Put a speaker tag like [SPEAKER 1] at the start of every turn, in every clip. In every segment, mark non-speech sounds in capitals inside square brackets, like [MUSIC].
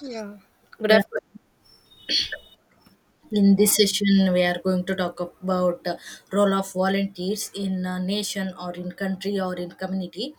[SPEAKER 1] Yeah. Good
[SPEAKER 2] Good
[SPEAKER 1] afternoon.
[SPEAKER 2] in this session, we are going to talk about role of volunteers in a nation or in country or in community.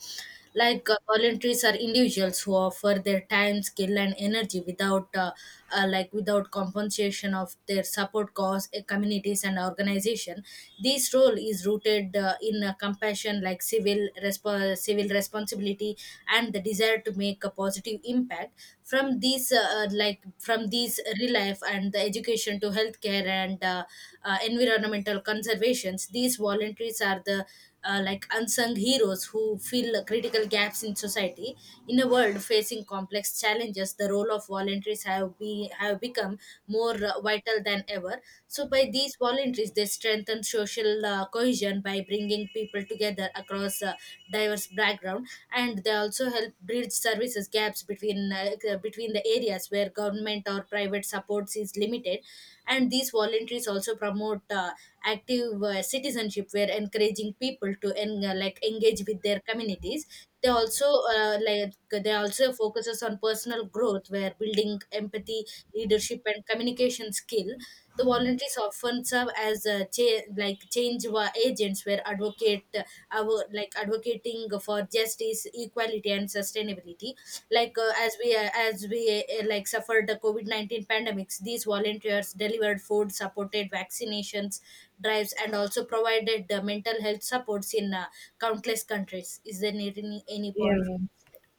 [SPEAKER 2] Like, volunteers are individuals who offer their time, skill, and energy without, like without compensation of their support cause, communities, and organization. This role is rooted in compassion, like civil responsibility, and the desire to make a positive impact from these like from these relief and the education to attention to healthcare and environmental conservations. These volunteers are the like unsung heroes who fill critical gaps in society. In a world facing complex challenges, the role of volunteers have become more vital than ever. So, by these volunteers, they strengthen social cohesion by bringing people together across diverse background, and they also help bridge services gaps between the areas where government or private supports is limited. And these voluntaries also promote active citizenship where encouraging people to like engage with their communities. They also uh, like they also focuses on personal growth where building empathy, leadership, and communication skill. The volunteers often serve as a like change agents were advocate, our like advocating for justice, equality, and sustainability. Like uh, as we uh, as we uh, like suffered the covid-19 pandemics. These volunteers delivered food, supported vaccinations drives, and also provided the mental health supports in countless countries. Is there any point?
[SPEAKER 1] Yeah,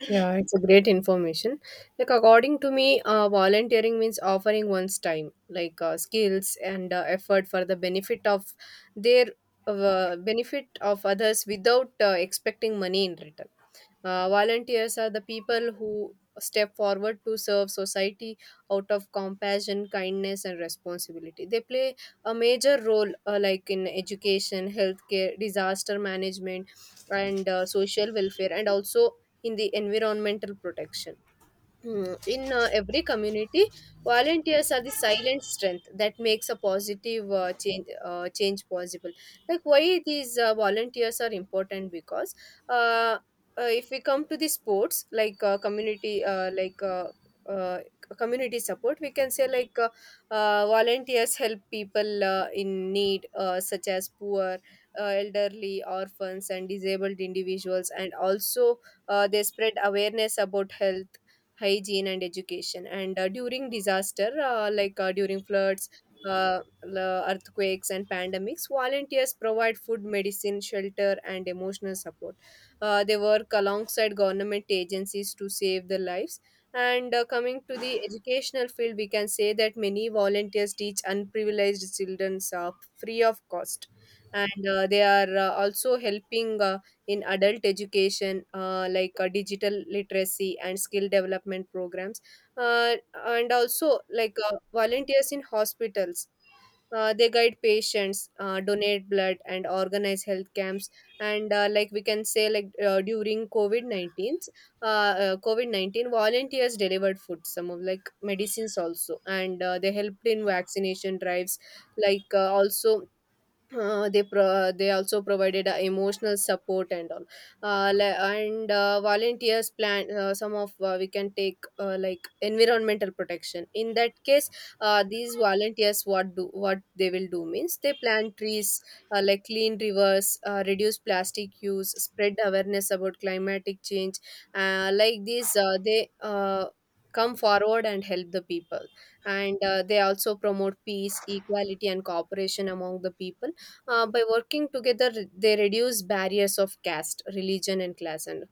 [SPEAKER 1] yeah, it's a great information. Like according to me, volunteering means offering one's time, like skills and effort for the benefit of their benefit of others without expecting money in return. Volunteers are the people who step forward to serve society out of compassion, kindness, and responsibility. They play a major role, like in education, healthcare, disaster management, and social welfare, and also in the environmental protection. In every community, volunteers are the silent strength that makes a positive change possible. Like why these volunteers are important, because uh, if we come to the sports like community uh, community support, we can say like volunteers help people in need, such as poor, elderly, orphans, and disabled individuals, and also they spread awareness about health, hygiene and education. And during disaster, during floods, uh, l- earthquakes and pandemics, volunteers provide food, medicine, shelter and emotional support. They work alongside government agencies to save the lives. And coming to the educational field, we can say that many volunteers teach unprivileged children free of cost, and they are also helping in adult education, digital literacy and skill development programs. uh, and also like volunteers in hospitals, they guide patients, donate blood and organize health camps. And like we can say like during covid-19, covid-19 volunteers delivered food, some of like medicines also. And they helped in vaccination drives, also they they also provided emotional support and all. And volunteers plan some of, we can take like environmental protection in that case. These volunteers, what they will do means, they plant trees, like clean rivers, reduce plastic use, spread awareness about climatic change. Like these they Come forward and help the people. And they also promote peace, equality and cooperation among the people. By working together, they reduce barriers of caste, religion, and class, and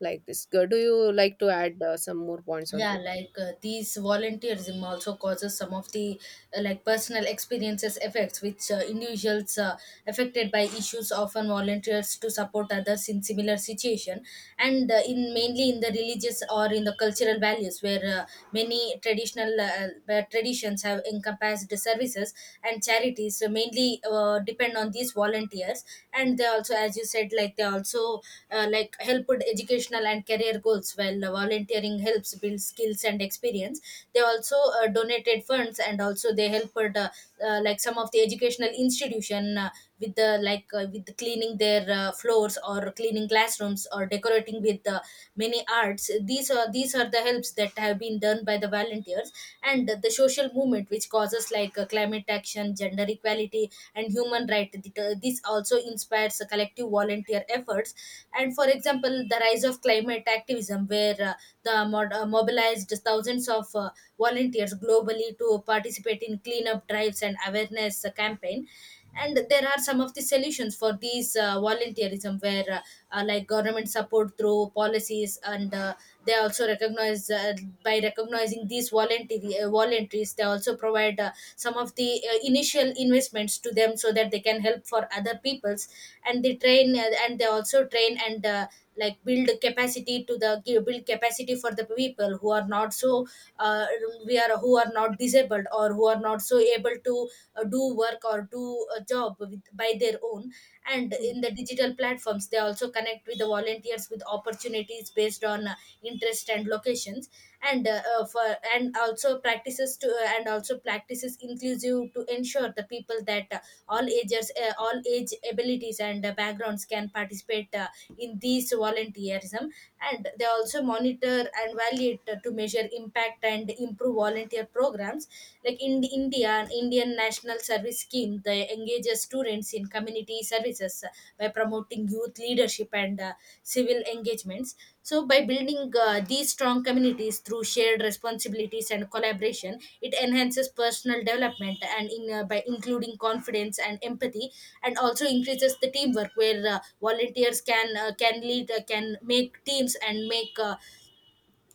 [SPEAKER 1] like this. Do you like to add some more points on
[SPEAKER 2] Yeah, these volunteerism also causes some of the like personal experiences effects which individuals affected by issues often volunteers to support others in similar situation. And in mainly in the religious or in the cultural values where many traditional traditions have encompassed the services and charities, so mainly depend on these volunteers. And they also, as you said, like they also like helped educational and career goals while volunteering helps build skills and experience. They also donated funds and also they helped like some of the educational institution with the like with cleaning their floors, or cleaning classrooms, or decorating with many arts. These are the helps that have been done by the volunteers. And the social movement which causes issues like climate action, gender equality, and human rights. This also inspires collective volunteer efforts. And for example, the rise of climate activism, where mobilized thousands of volunteers globally to participate in cleanup drives and awareness campaign. And there are some of the solutions for these volunteerism, where like government support through policies. And they also recognize by recognizing these voluntary voluntaries, they also provide some of the initial investments to them so that they can help for other peoples. And they train and they also train and like build capacity to the build capacity for the people who are not so uh, we are who are not disabled or who are not so able to do work or do a job with, by their own. And
[SPEAKER 1] this?
[SPEAKER 2] in the digital platforms, they also connect with the volunteers with opportunities based on interest and location traditions. And for and also practices to and also practices inclusive to ensure the people that all age abilities and backgrounds can participate in these volunteerism. And they also monitor and validate to measure impact and improve volunteer programs. Like in India, Indian National Service Scheme, they engages students in community services, by promoting youth leadership and civil engagements. So by building these strong communities through shared responsibilities and collaboration, it enhances personal development and in by including confidence and empathy. And also increases the teamwork, where volunteers can lead, can make teams and make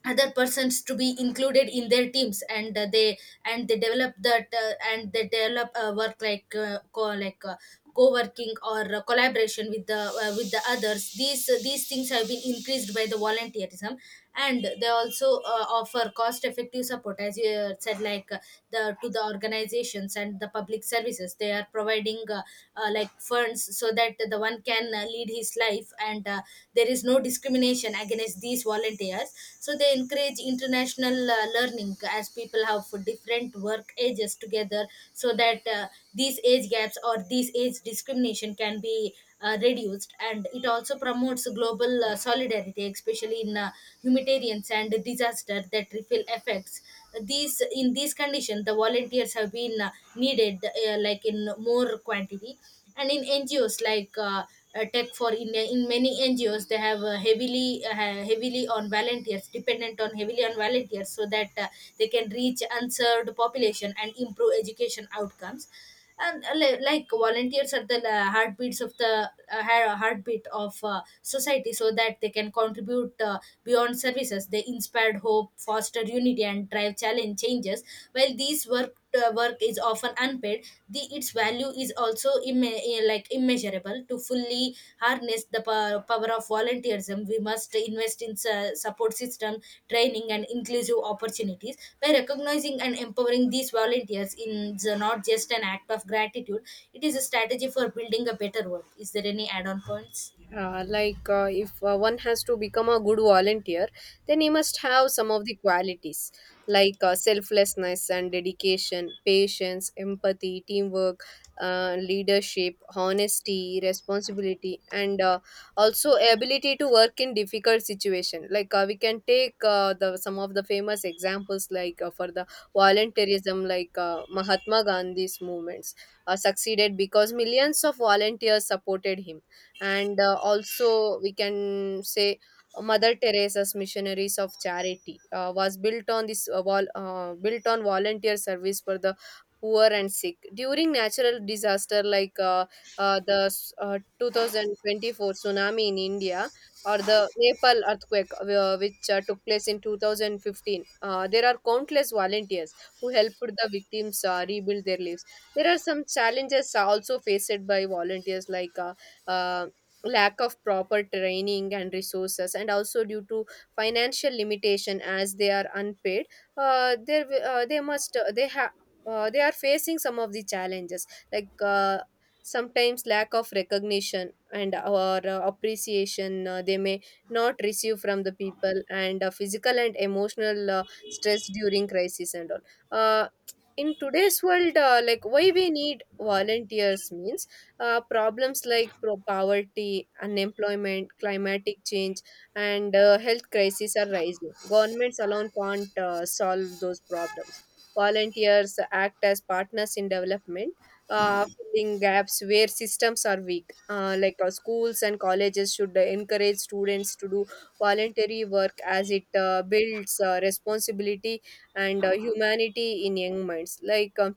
[SPEAKER 2] other persons to be included in their teams. And they develop that, and they develop work like co like co-working or collaboration with the others. These things have been increased by the volunteerism. And they also offer cost effective support, as you said, like the to the organizations and the public services. They are providing like funds so that the one can lead his life, and there is no discrimination against these volunteers. So they encourage international learning as people have for different work ages together, so that these age gaps or these age discrimination can be reduced. And it also promotes global solidarity, especially in humanitarian and disaster that refill effects. These in these conditions, the volunteers have been needed like in more quantity. And in NGOs, in many NGOs, they have heavily heavily on volunteers dependent on heavily on volunteers, so that they can reach unserved population and improve education outcomes. Like volunteers are the heartbeat of society, so that they can contribute beyond services. They inspired hope, foster unity, and drive challenge changes. While these work is often unpaid, the its value is also immeasurable. To fully harness the power of volunteerism, we must invest in support system, training, and inclusive opportunities. By recognizing and empowering these volunteers in the not just an act of gratitude, it is a strategy for building a better world. Is there any add-on points?
[SPEAKER 1] If one has to become a good volunteer, then he must have some of the qualities, like selflessness and dedication, patience, empathy, teamwork, leadership, honesty, responsibility, and also ability to work in difficult situation. Like we can take the some of the famous examples, like for the volunteerism, like Mahatma Gandhi's movements succeeded because millions of volunteers supported him. And also we can say Mother Teresa's Missionaries of Charity was built on this built on volunteer service for the poor and sick. During natural disaster, 2024 tsunami in India or the Nepal earthquake, which took place in 2015, there are countless volunteers who helped the victims rebuild their lives. There are some challenges also faced by volunteers, like uh, lack of proper training and resources, and also due to financial limitation as they are unpaid. They must, they have, they are facing some of the challenges, like sometimes lack of recognition and or appreciation they may not receive from the people, and physical and emotional stress during crisis and all. In today's world, like why we need volunteers means problems like poverty, unemployment, climatic change, and health crises are rising. Governments alone can't solve those problems. Volunteers act as partners in development, uh, filling gaps where systems are weak. Schools and colleges should encourage students to do voluntary work, as it builds responsibility and humanity in young minds. Like uh,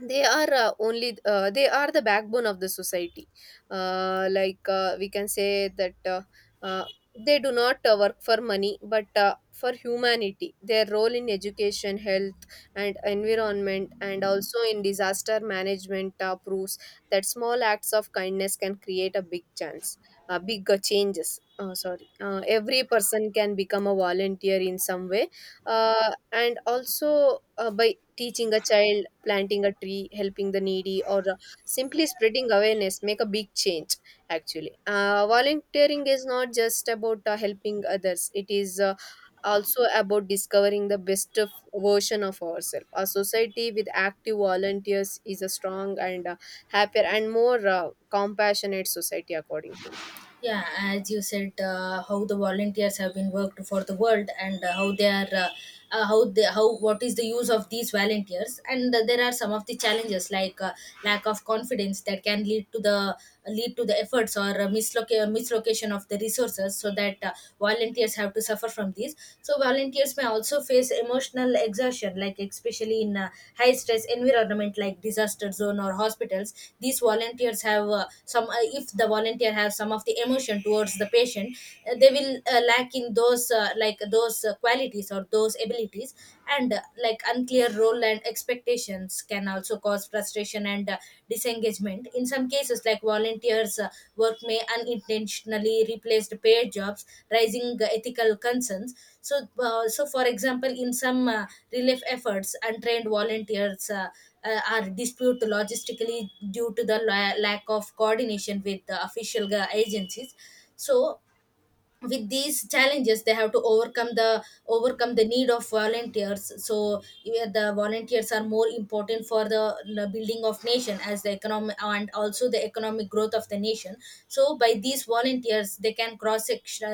[SPEAKER 1] they are uh, only uh, They are the backbone of the society. We can say that uh, they do not work for money but for humanity. Their role in education, health and environment, and also in disaster management, proves that small acts of kindness can create a big chance, big changes. Oh, sorry. Every person can become a volunteer in some way, and also by teaching a child, planting a tree, helping the needy, or simply spreading awareness make a big change. Actually, volunteering is not just about helping others; it is also about discovering the best of version of ourselves. A society with active volunteers is a strong and happier and more compassionate society, according to me.
[SPEAKER 2] Yeah, as you said, how the volunteers have been worked for the world, and how they how what is the use of these volunteers. And there are some of the challenges, like lack of confidence that can lead to the efforts or mislocation of the resources, so that volunteers have to suffer from these. So volunteers may also also face emotional exertion, like especially in a high stress environment like disaster zone or hospitals. These volunteers have if the volunteer has some of the emotion towards the patient, they will lack in those like those qualities or those abilities. And like unclear role and expectations can also cause frustration and disengagement. In some cases, like volunteers' work may unintentionally replace the paid jobs, raising ethical concerns. So, for example, in some relief efforts, untrained volunteers are disputed logistically due to the lack of coordination with the official agencies. So, with these challenges, they have to overcome the need of volunteers. So yeah, the volunteers are more important for the building of nation, as the economic and also the economic growth of the nation. So by these volunteers, they can cross section,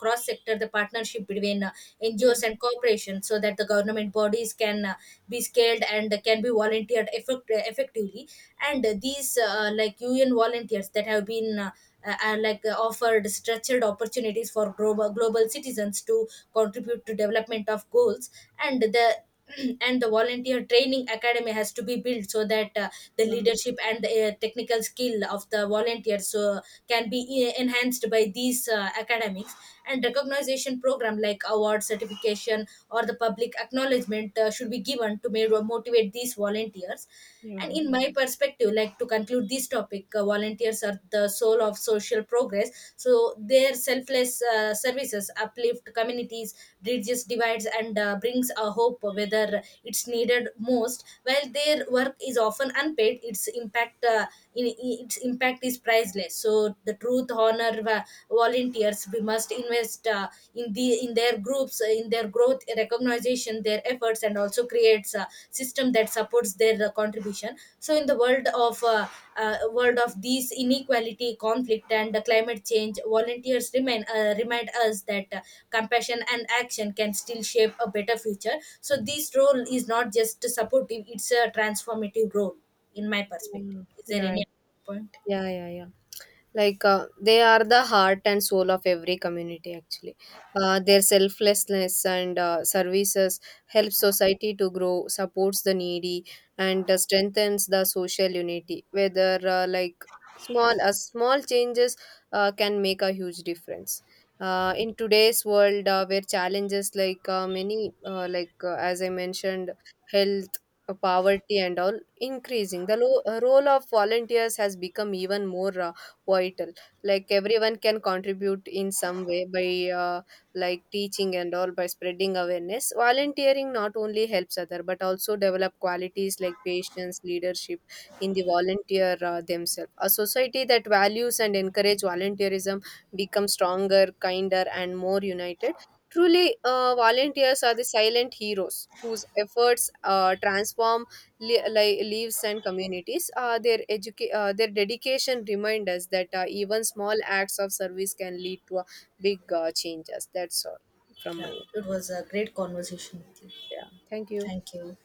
[SPEAKER 2] cross sector the partnership between
[SPEAKER 1] Yeah,
[SPEAKER 2] NGOs and corporations, so that the government bodies can be scaled and can be volunteered effectively. And these like un volunteers that have been and like offered structured opportunities for global, global citizens to contribute to development of goals. And the [CLEARS THROAT] and the volunteer training academy has to be built, so that the leadership and the technical skill of the volunteers can be enhanced by these academics. And recognition program like award certification or the public acknowledgement should be given to motivate these volunteers.
[SPEAKER 1] yeah,
[SPEAKER 2] And in my perspective, like to conclude this topic, volunteers are the soul of social progress. So their selfless services uplift communities, bridges divides, and brings a hope whether it's needed most. While their work is often unpaid, its impact is priceless. So the truth honor volunteers. We must invest in the in their groups in their growth recognition their efforts, and also creates a system that supports their contribution. So in the world of these inequality, conflict, and climate change, volunteers remain remind us that compassion and action can still shape a better future. So this role is not just supportive, it's a transformative role in my perspective. Is there
[SPEAKER 1] yeah.
[SPEAKER 2] any point?
[SPEAKER 1] Yeah, yeah, yeah, yeah. Like they are the heart and soul of every community. Actually, their selflessness and services help society to grow, supports the needy, and strengthens the social unity. Whether small changes can make a huge difference. In today's world, where challenges like many like as I mentioned, health, poverty and all increasing, the role of volunteers has become even more vital. Like everyone can contribute in some way, by uh, like teaching and all, by spreading awareness. Volunteering not only helps other but also develop qualities like patience, leadership in the volunteer themselves. A society that values and encourage volunteerism becomes stronger, kinder and more united. Truly, volunteers are the silent heroes whose efforts transform lives and communities. Their dedication remind us that even small acts of service can lead to a big changes. That's all from my
[SPEAKER 2] Yeah,
[SPEAKER 1] end.
[SPEAKER 2] it was a great conversation with you.
[SPEAKER 1] Yeah. Thank you.
[SPEAKER 2] Thank you.